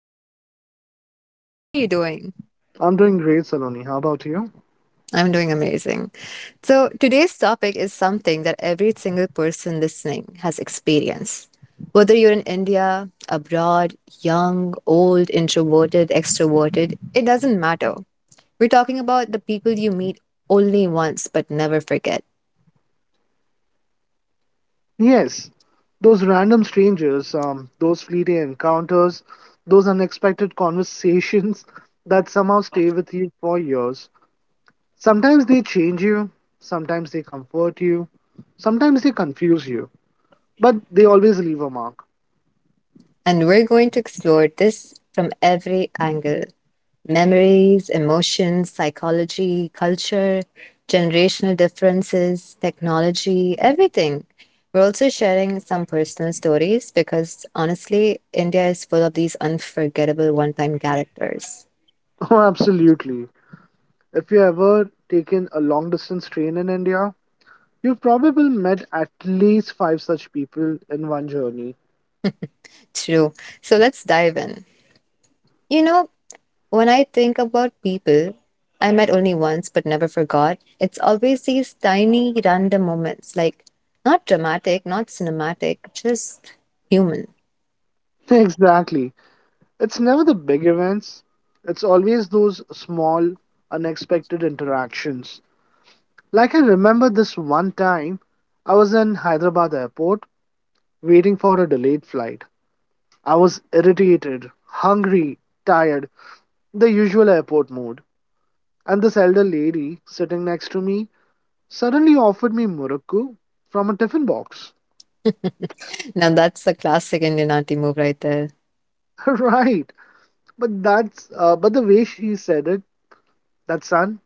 Mr. Rishi, here today. How are you doing? I'm doing great, Saloni. How about you? I'm doing amazing. So, today's topic is something that every single person listening has experienced. Whether you're in India, abroad, young, old, introverted, extroverted, it doesn't matter. We're talking about the people you meet only once but never forget. Yes, those random strangers, those fleeting encounters, those unexpected conversations that somehow stay with you for years. Sometimes they change you, sometimes they comfort you, sometimes they confuse you, but they always leave a mark. And we're going to explore this from every angle: memories, emotions, psychology, culture, generational differences, technology, everything. We're also sharing some personal stories because honestly, India is full of these unforgettable one time characters. Oh, absolutely. If you ever taken a long distance train in India, you've probably met at least five such people in one journey. True. So let's dive in. You know, when I think about people I met only once but never forgot, it's always these tiny random moments, like not dramatic, not cinematic, just human. Exactly. It's never the big events, it's always those small, unexpected interactions. Like, I remember this one time I was in Hyderabad airport waiting for a delayed flight. I was irritated, hungry, tired, the usual airport mood. And this elder lady sitting next to me suddenly offered me murukku from a tiffin box. Now that's the classic Indian auntie move right there. Right. But the way she said it, that son,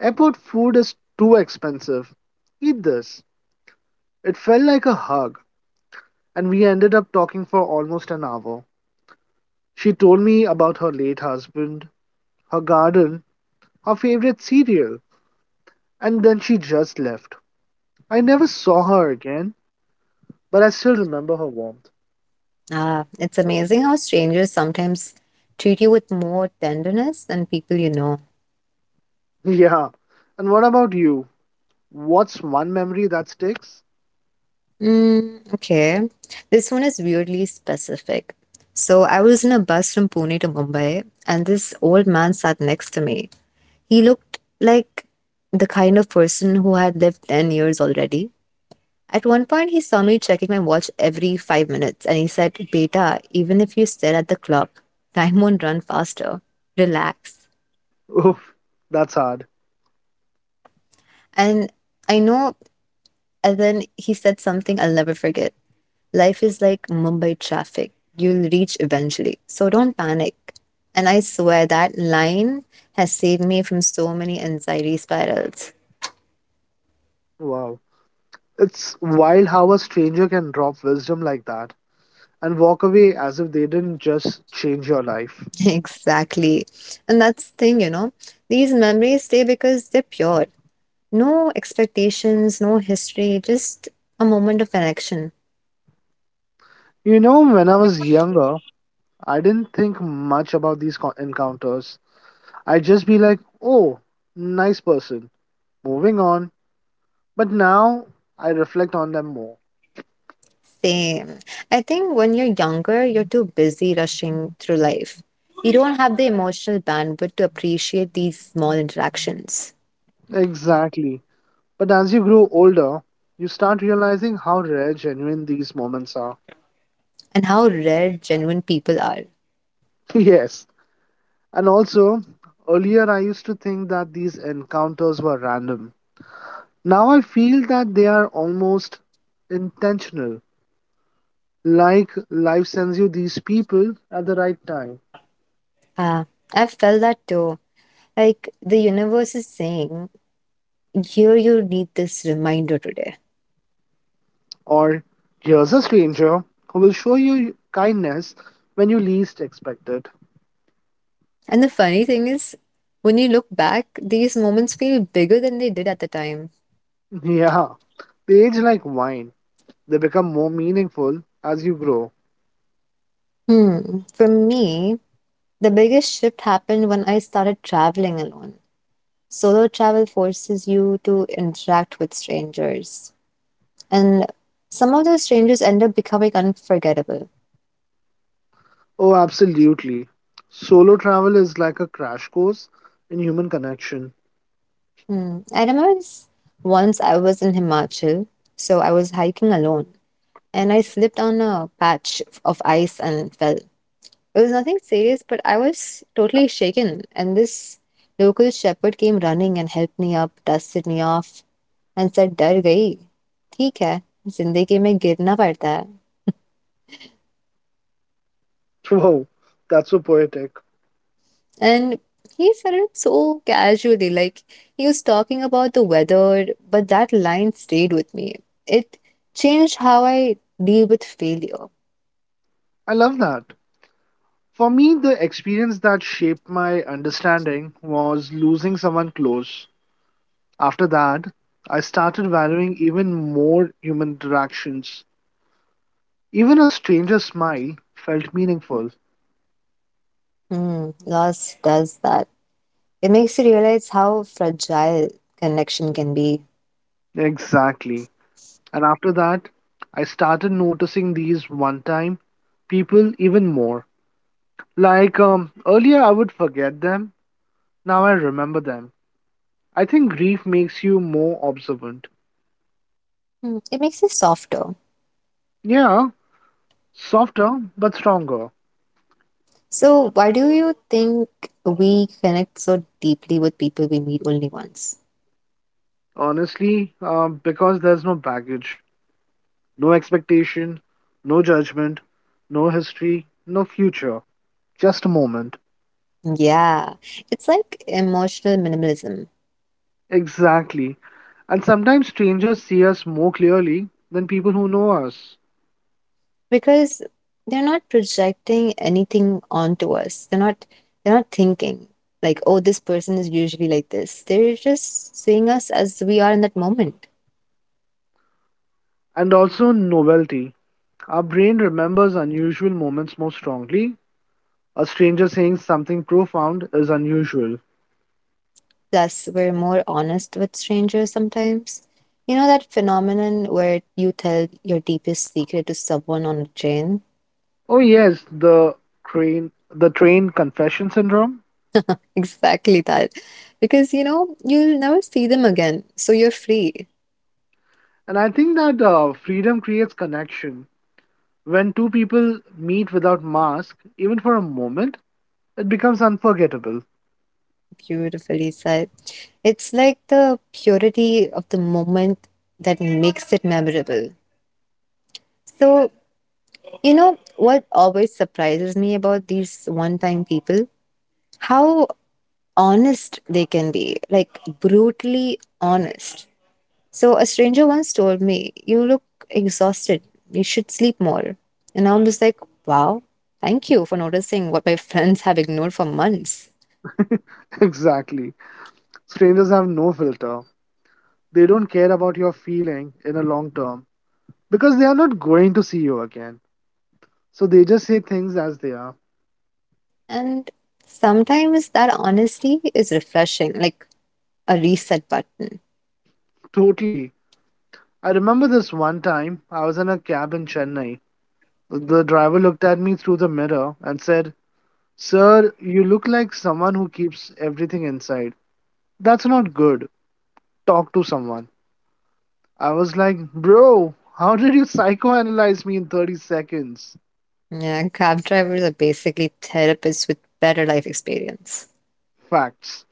airport food is too expensive. Eat this. It felt like a hug, and we ended up talking for almost an hour. She told me about her late husband, her garden, her favorite cereal, and then she just left. I never saw her again, but I still remember her warmth. Ah, it's amazing how strangers sometimes treat you with more tenderness than people you know. Yeah. And what about you? What's one memory that sticks? Okay. This one is weirdly specific. So I was in a bus from Pune to Mumbai, and this old man sat next to me. He looked like the kind of person who had lived 10 years already. At one point, he saw me checking my watch every 5 minutes and he said, "Beta, even if you stare at the clock, time won't run faster. Relax." Oof, that's hard. And I know, and then he said something I'll never forget. Life is like Mumbai traffic. You'll reach eventually. So don't panic. And I swear that line has saved me from so many anxiety spirals. Wow. It's wild how a stranger can drop wisdom like that, and walk away as if they didn't just change your life. Exactly. And that's the thing, these memories stay because they're pure. No expectations, no history, just a moment of connection. You know, when I was younger, I didn't think much about these encounters. I'd just be like, oh, nice person, moving on. But now I reflect on them more. Same. I think when you're younger, you're too busy rushing through life. You don't have the emotional bandwidth to appreciate these small interactions Exactly. But as you grow older, you start realizing how rare genuine these moments are. and how rare genuine people are. Yes. And also, earlier I used to think that these encounters were random. Now I feel that they are almost intentional. Like life sends you these people at the right time. Ah, I felt that too. Like the universe is saying, here you need this reminder today. Or here's a stranger who will show you kindness when you least expect it. And the funny thing is, when you look back, these moments feel bigger than they did at the time. Yeah, they age like wine. They become more meaningful as you grow. Hmm. For me, the biggest shift happened when I started traveling alone. Solo travel forces you to interact with strangers, and some of those strangers end up becoming unforgettable. Oh, absolutely. Solo travel is like a crash course in human connection. Hmm. I remember once I was in Himachal, so I was hiking alone, and I slipped on a patch of ice and fell. It was nothing serious, but I was totally shaken, and this local shepherd came running and helped me up, dusted me off. हंसक डर गई ठीक है जिंदगी में गिरना पड़ता है. Whoa, that's so poetic. And he said it so casually, like he was talking about the weather, but that line stayed with me. It changed how I deal with failure. I love that. For me, the experience that shaped my understanding was losing someone close. After that, I started valuing even more human interactions. Even a stranger's smile felt meaningful. Hmm, Loss does that. It makes you realize how fragile connection can be. Exactly. And after that, I started noticing these one time people even more. Like, earlier, I would forget them. Now I remember them. I think grief makes you more observant. It makes you softer. Yeah, softer but stronger. So why do you think we connect so deeply with people we meet only once? Honestly, because there's no baggage. No expectation, no judgment, no history, no future, just a moment. Yeah, it's like emotional minimalism Exactly. And sometimes strangers see us more clearly than people who know us. because they're not projecting anything onto us. They're not thinking, like, oh, this person is usually like this. They're just seeing us as we are in that moment. And also, novelty. Our brain remembers unusual moments more strongly. A stranger saying something profound is unusual. Thus, we're more honest with strangers sometimes. You know that phenomenon where you tell your deepest secret to someone on a train? Oh, yes, the train confession syndrome. Exactly that. Because you'll never see them again, so you're free. And I think that freedom creates connection. When two people meet without mask, even for a moment, it becomes unforgettable. Beautifully said. It's like the purity of the moment that makes it memorable. So, what always surprises me about these one time people, how honest they can be, like brutally honest. So, a stranger once told me, "You look exhausted. You should sleep more." And I'm just like, "Wow, thank you for noticing what my friends have ignored for months." Exactly. Strangers have no filter. They don't care about your feeling in a long term because they are not going to see you again. So they just say things as they are. And sometimes that honesty is refreshing. Like, a reset button. Totally. I remember this one time I was in a cab in Chennai. The driver looked at me through the mirror and said, Sir, you look like someone who keeps everything inside. That's not good. Talk to someone. I was like, Bro, how did you psychoanalyze me in 30 seconds? Yeah, cab drivers are basically therapists with better life experience. Facts.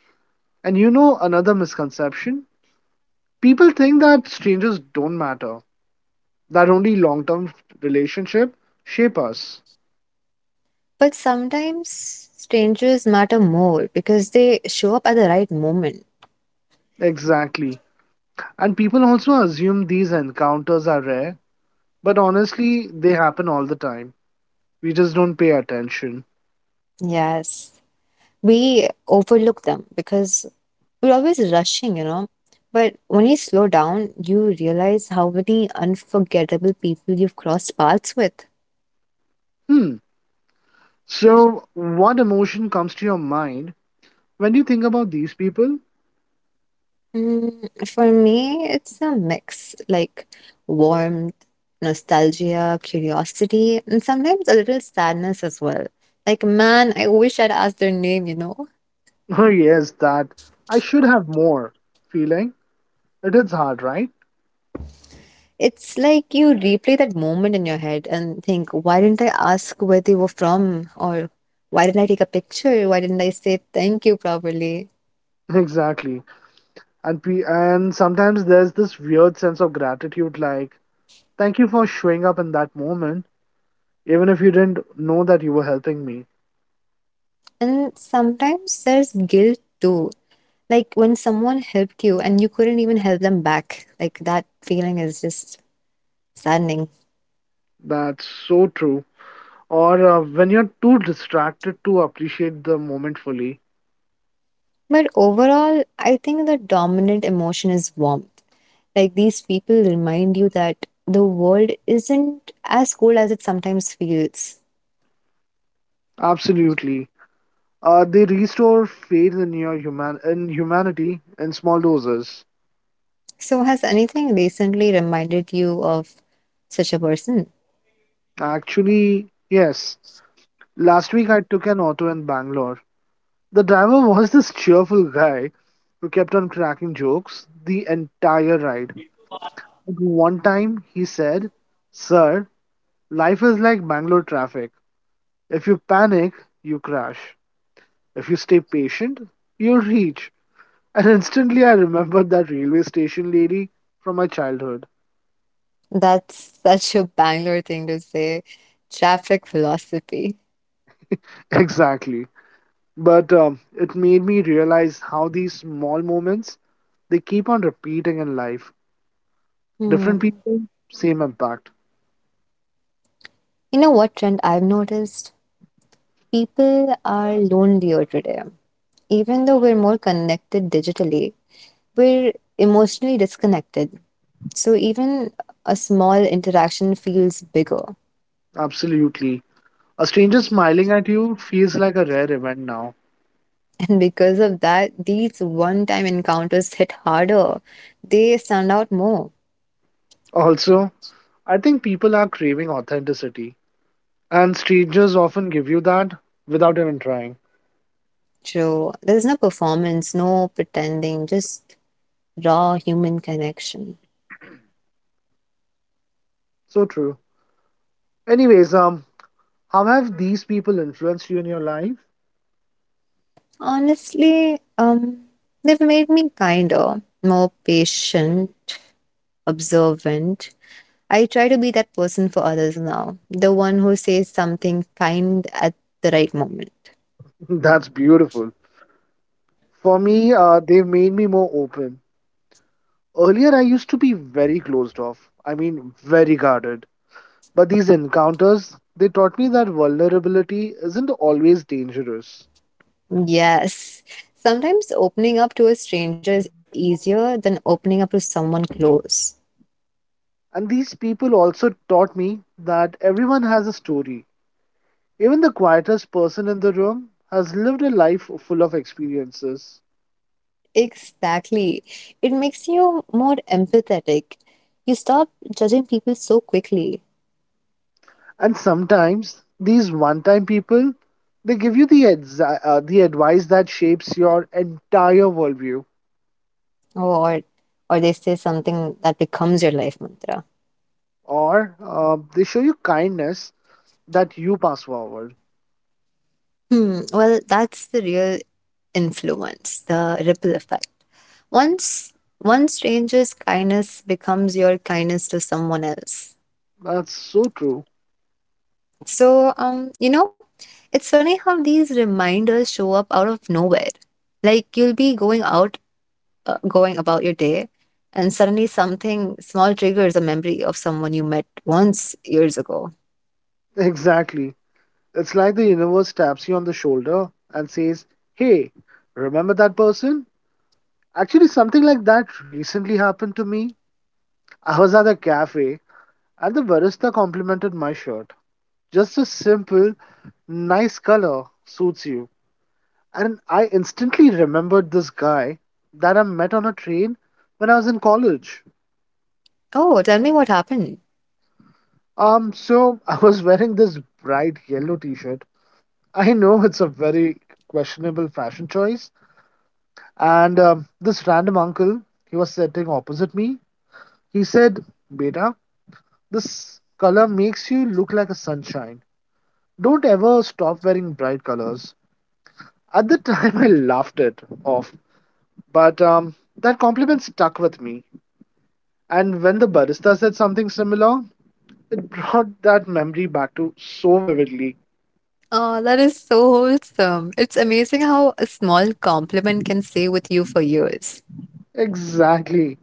And you know another misconception? People think that strangers don't matter, that only long-term relationship shape us. But sometimes strangers matter more because they show up at the right moment. Exactly. And people also assume these encounters are rare, but honestly, they happen all the time. We just don't pay attention. Yes, we overlook them because we're always rushing. But when you slow down, you realize how many unforgettable people you've crossed paths with. Hmm. So, what emotion comes to your mind when you think about these people? For me, it's a mix, like warmth, nostalgia, curiosity, and sometimes a little sadness as well. Like, man, I wish I'd asked their name, you know? Oh, yes, that I should have more feeling. It is hard, right? It's like you replay that moment in your head and think, why didn't I ask where they were from? Or why didn't I take a picture? Why didn't I say thank you properly? Exactly. And sometimes there's this weird sense of gratitude, like, thank you for showing up in that moment, even if you didn't know that you were helping me. And sometimes there's guilt too. Like when someone helped you and you couldn't even help them back, like that feeling is just saddening. That's so true. Or when you're too distracted to appreciate the moment fully. But overall, I think the dominant emotion is warmth. Like these people remind you that the world isn't as cold as it sometimes feels. Absolutely. They restore faith in your human in humanity in small doses. So, has anything recently reminded you of such a person? Actually, yes. Last week I took an auto in Bangalore. The driver was this cheerful guy who kept on cracking jokes the entire ride. At one time, he said, Sir, life is like Bangalore traffic. If you panic, you crash. If you stay patient, you reach. And instantly, I remembered that railway station lady from my childhood. That's such a Bangalore thing to say. Traffic philosophy. Exactly. But it made me realize how these small moments they keep on repeating in life. Different Hmm. people, same impact. You know what trend I've noticed? People are lonelier today. Even though we're more connected digitally, we're emotionally disconnected. So even a small interaction feels bigger. Absolutely. A stranger smiling at you feels like a rare event now. And because of that, these one time encounters hit harder. They stand out more. Also, I think people are craving authenticity, and strangers often give you that without even trying. So there's no performance, no pretending, just raw human connection. So true. Anyways, how have these people influenced you in your life? Honestly, they've made me kinder, more patient, observant. I try to be that person for others now, the one who says something kind at the right moment. That's beautiful. For me, they've made me more open. Earlier, I used to be very closed off. I mean, very guarded. But these encounters, they taught me that vulnerability isn't always dangerous. Yes. Sometimes opening up to a stranger is easier than opening up to someone close. And these people also taught me that everyone has a story. Even the quietest person in the room has lived a life full of experiences. Exactly. It makes you more empathetic. You stop judging people so quickly. And sometimes these one-time people, they give you the advice that shapes your entire worldview, Or or they say something that becomes your life mantra. or they show you kindness that you pass forward. Hmm. Well, that's the real influence, the ripple effect. Once one stranger's kindness becomes your kindness to someone else. That's so true. So, it's funny how these reminders show up out of nowhere. Like you'll be going about your day, and suddenly something small triggers a memory of someone you met once years ago. Exactly. It's like the universe taps you on the shoulder and says, "Hey, remember that person?" Actually, something like that recently happened to me. I was at a cafe and the barista complimented my shirt. Just a simple, nice color suits you. And I instantly remembered this guy that I met on a train when I was in college. Oh, tell me what happened. So I was wearing this bright yellow t shirt. I know it's a very questionable fashion choice. And this random uncle, he was sitting opposite me. He said, Beta, this color makes you look like a sunshine. Don't ever stop wearing bright colors. At the time, I laughed it off, but that compliment stuck with me. And when the barista said something similar, it brought that memory back to so vividly. Oh, that is so wholesome. It's amazing how a small compliment can stay with you for years. Exactly.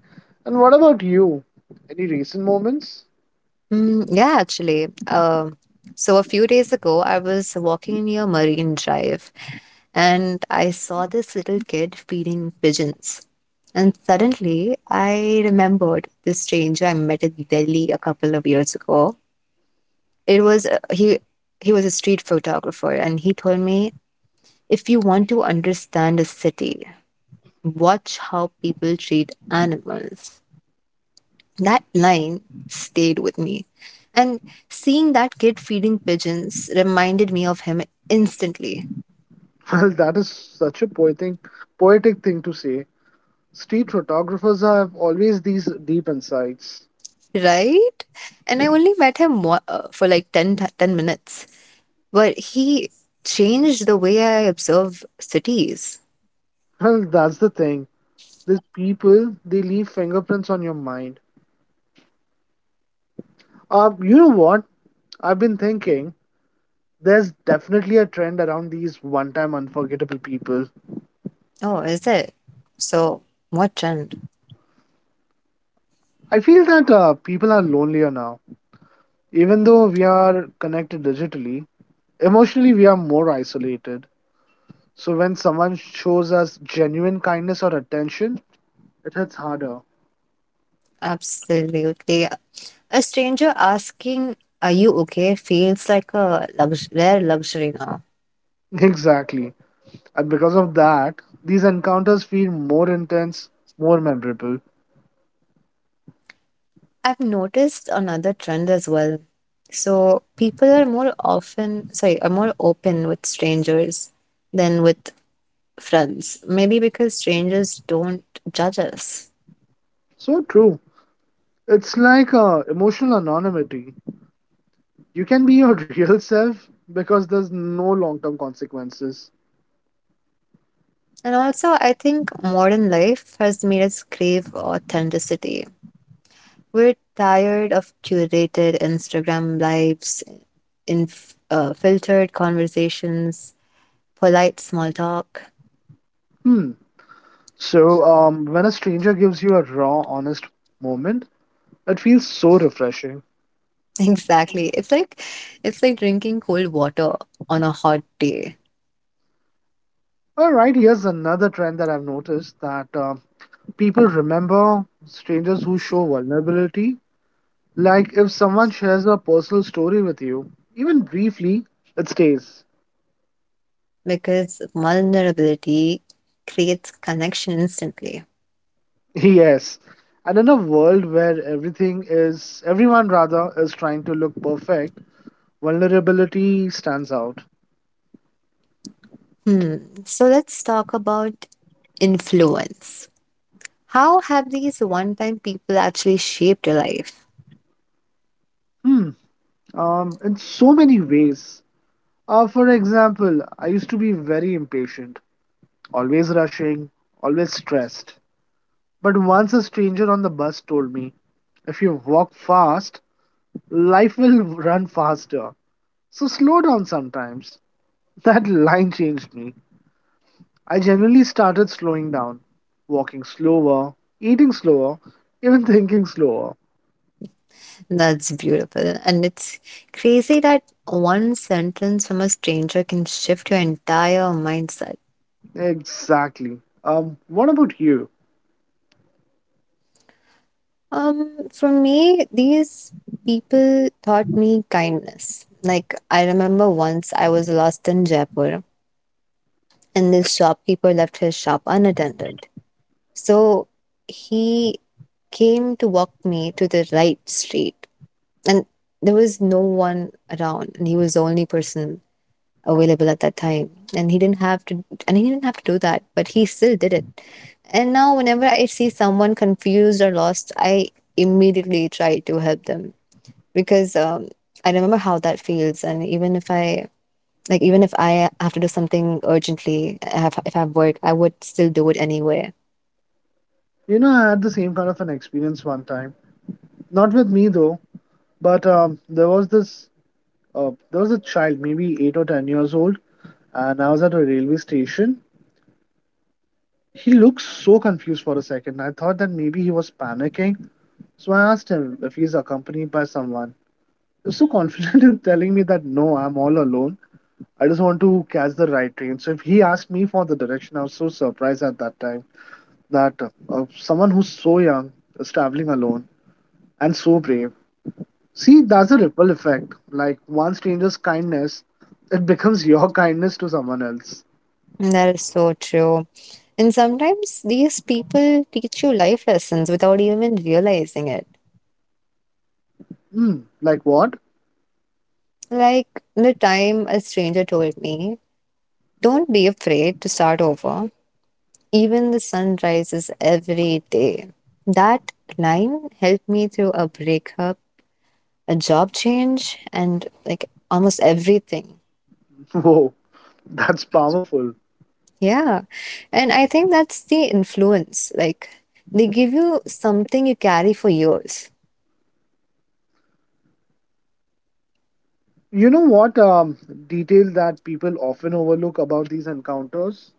And what about you? Any recent moments? Mm, yeah, actually. So a few days ago, I was walking near Marine Drive and I saw this little kid feeding pigeons. And suddenly I remembered this stranger I met in Delhi a couple of years ago. It was he was a street photographer and he told me, "If you want to understand a city, watch how people treat animals." That line stayed with me. And seeing that kid feeding pigeons reminded me of him instantly. Well, that is such a poetic, poetic thing to say. Street photographers have always these deep insights. Right? And I only met him for like 10 minutes, but he changed the way I observe cities. Well, that's the thing. These people, they leave fingerprints on your mind. You know what? I've been thinking there's definitely a trend around these one time unforgettable people. Oh, is it? So, what trend? I feel that people are lonelier now. Even though we are connected digitally, emotionally we are more isolated. So when someone shows us genuine kindness or attention, it hits harder. Absolutely. A stranger asking, "Are you okay?" feels like a rare luxury now. Exactly. And because of that, these encounters feel more intense, more memorable. I've noticed another trend as well. So, people are more open with strangers than with friends. Maybe because strangers don't judge us. So true. It's like emotional anonymity. You can be your real self because there's no long term consequences. And also, I think modern life has made us crave authenticity. We're tired of curated Instagram lives, filtered conversations, polite small talk. Hmm. So, when a stranger gives you a raw, honest moment, it feels so refreshing. Exactly. It's like drinking cold water on a hot day All right, here's another trend that I've noticed that people remember strangers who show vulnerability. Like if someone shares a personal story with you, even briefly, it stays. because vulnerability creates connection instantly. Yes. And in a world where everything is, everyone rather, is trying to look perfect, vulnerability stands out. Hmm. So let's talk about influence. How have these one time people actually shaped your life? Hmm. In so many ways. For example, I used to be very impatient, always rushing, always stressed. But once a stranger on the bus told me, if you walk fast, life will run faster. So slow down sometimes. That line changed me. I generally started slowing down, walking slower, eating slower, even thinking slower. That's beautiful. And it's crazy that one sentence from a stranger can shift your entire mindset. Exactly. What about you? For me, these people taught me kindness. Like, I remember once I was lost in Jaipur, and this shopkeeper left his shop unattended. So he came to walk me to the right street, and there was no one around, and he was the only person available at that time. And he didn't have to do that, but he still did it. And now whenever I see someone confused or lost, I immediately try to help them because I remember how that feels. And even if I have to do something urgently, if I have work, I would still do it anyway. You know, I had the same kind of an experience one time. Not with me though, but there was a child, maybe 8 or 10 years old, and I was at a railway station. He looked so confused for a second. I thought that maybe he was panicking, so I asked him if he's accompanied by someone. So confident in telling me that, no, I'm all alone. I just want to catch the right train. So if he asked me for the direction, I was so surprised at that time that someone who's so young is traveling alone and so brave. See, that's a ripple effect. Like one stranger's kindness, it becomes your kindness to someone else. And that is so true. And sometimes these people teach you life lessons without even realizing it. Hmm. Like what? Like the time a stranger told me, "Don't be afraid to start over. Even the sun rises every day." That line helped me through a breakup, a job change, and like almost everything. Whoa, that's powerful. Yeah. And I think that's the influence. Like they give you something you carry for years. You know what detail that people often overlook about these encounters?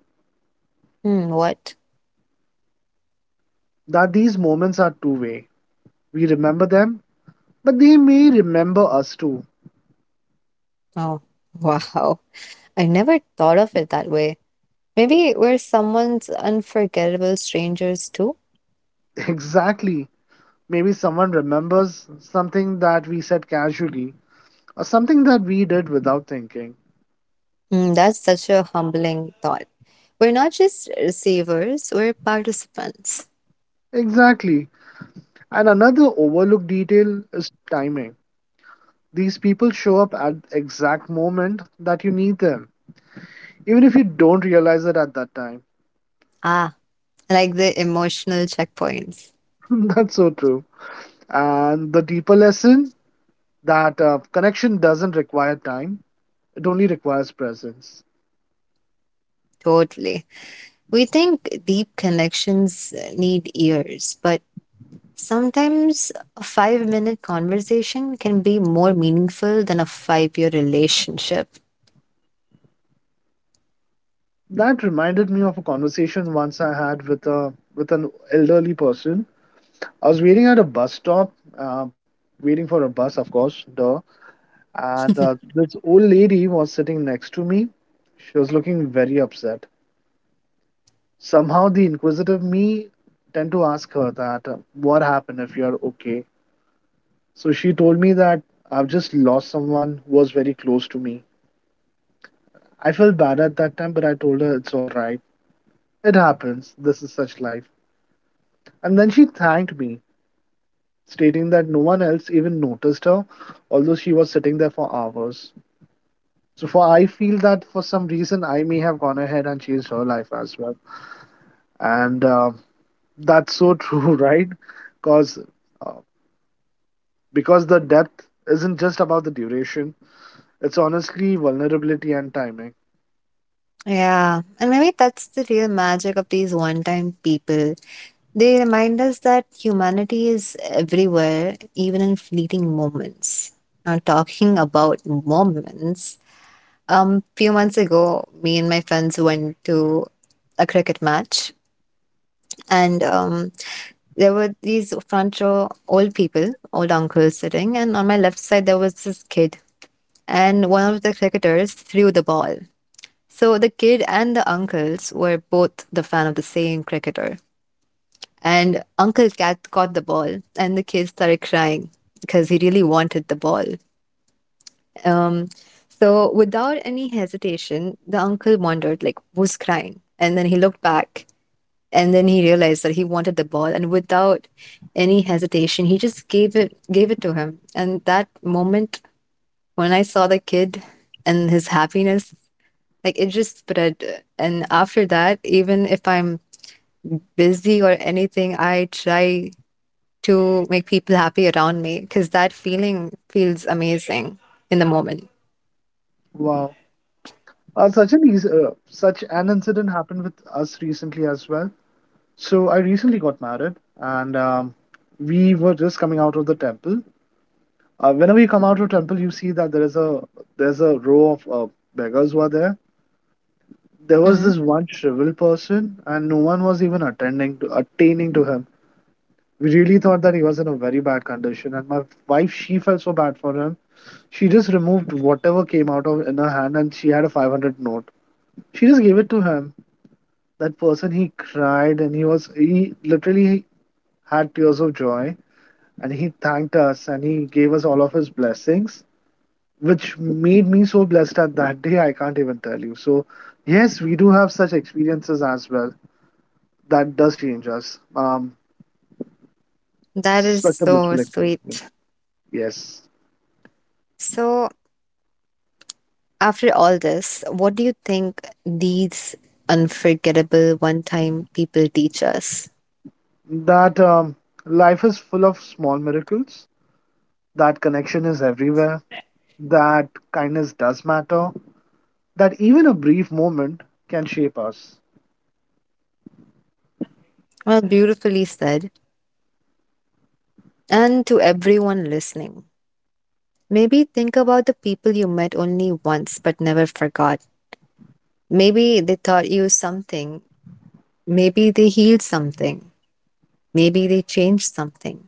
Hmm, what? That these moments are two way. We remember them, but they may remember us too. Oh, wow. I never thought of it that way. Maybe we're someone's unforgettable strangers too. Exactly. Maybe someone remembers something that we said casually or something that we did without thinking. That's such a humbling thought. We're not just receivers, we're participants. Exactly. And another overlooked detail is timing. These people show up at the exact moment that you need them, even if you don't realize it at that time. Ah, like the emotional checkpoints. That's so true. And the deeper lesson that connection doesn't require time, it only requires presence. Totally. We think deep connections need years, but sometimes a 5-minute conversation can be more meaningful than a 5-year relationship. That reminded me of a conversation once I had with a with an elderly person. I was waiting at a bus stop, uh, waiting for a bus, of course, duh. And this old lady was sitting next to me. She was looking very upset. Somehow, the inquisitive me tend to ask her "What happened? If you're okay?" So she told me that I've just lost someone who was very close to me. I felt bad at that time, but I told her it's all right. It happens. This is such life. And then she thanked me, stating that no one else even noticed her, although she was sitting there for hours. So for I feel that for some reason I may have gone ahead and changed her life as well. And that's so true, right? Because uh, because the depth isn't just about the duration; it's honestly vulnerability and timing. Yeah, and maybe that's the real magic of these one time people. They remind us that humanity is everywhere, even in fleeting moments. Now, talking about moments, few months ago, me and my friends went to a cricket match, and there were these front row old people, old uncles sitting, and on my left side there was this kid, and one of the cricketers threw the ball. So the kid and the uncles were both the fan of the same cricketer. And Uncle Cat caught the ball, and the kid started crying because he really wanted the ball. Um, so without any hesitation, the uncle wondered, like, who's crying? And then he looked back, and then he realized that he wanted the ball, and without any hesitation, he just gave it to him. And that moment, when I saw the kid and his happiness, like it just spread. And after that, even if I'm busy or anything, I try to make people happy around me because that feeling feels amazing in the moment. Wow. Such an incident happened with us recently as well. So I recently got married, and we were just coming out of the temple. Whenever you come out of temple, you see that there's a row of beggars who are there. There was Mhm. this one shriveled person, and no one was even attending to attaining to him. We really thought that he was in a very bad condition, and my wife she felt so bad for him. She just removed whatever came out of in her hand, and she had a 500 note. She just gave it to him. That person he cried, and he literally had tears of joy, and he thanked us, and he gave us all of his blessings which made me so blessed at that day I can't even tell you. So yes, we do have such experiences as well that does change us um That is such a so blissful sweet. experience. Yes. So, after all this, what do you think these unforgettable one time people teach us? That life is full of small miracles, that connection is everywhere, that kindness does matter, that even a brief moment can shape us. Well, beautifully said. And to everyone listening, maybe think about the people you met only once but never forgot. Maybe they taught you something. Maybe they healed something. Maybe they changed something.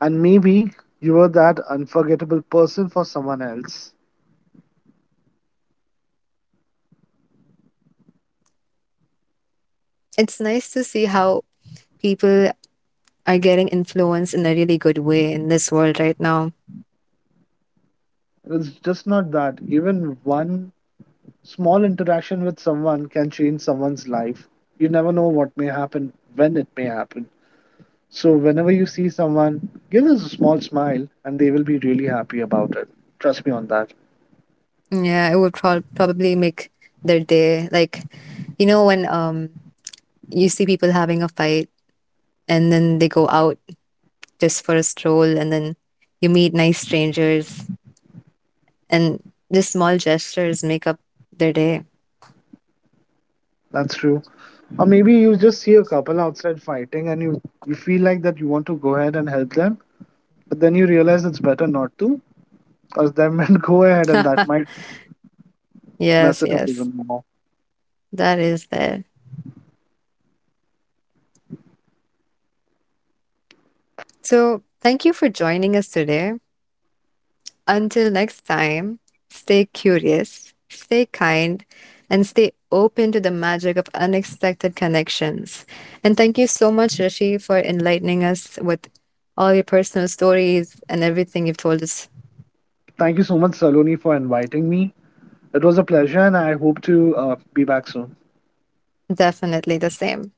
And maybe you were that unforgettable person for someone else. It's nice to see how people are getting influenced in a really good way in this world right now. It's just not that even one small interaction with someone can change someone's life. You never know what may happen, when it may happen. So, whenever you see someone, give us a small smile and they will be really happy about it. Trust me on that. Yeah, it would probably make their day. Like, when you see people having a fight and then they go out just for a stroll and then you meet nice strangers and just small gestures make up their day. That's true. Or maybe you just see a couple outside fighting and you feel like that you want to go ahead and help them, but then you realize it's better not to, because they might go ahead and that might mess Yes, it up yes. even more. That is there. So, thank you for joining us today. Until next time, stay curious, stay kind, and stay open to the magic of unexpected connections. And thank you so much, Rishi, for enlightening us with all your personal stories and everything you've told us. Thank you so much, Saloni, for inviting me. It was a pleasure and I hope to be back soon. Definitely the same.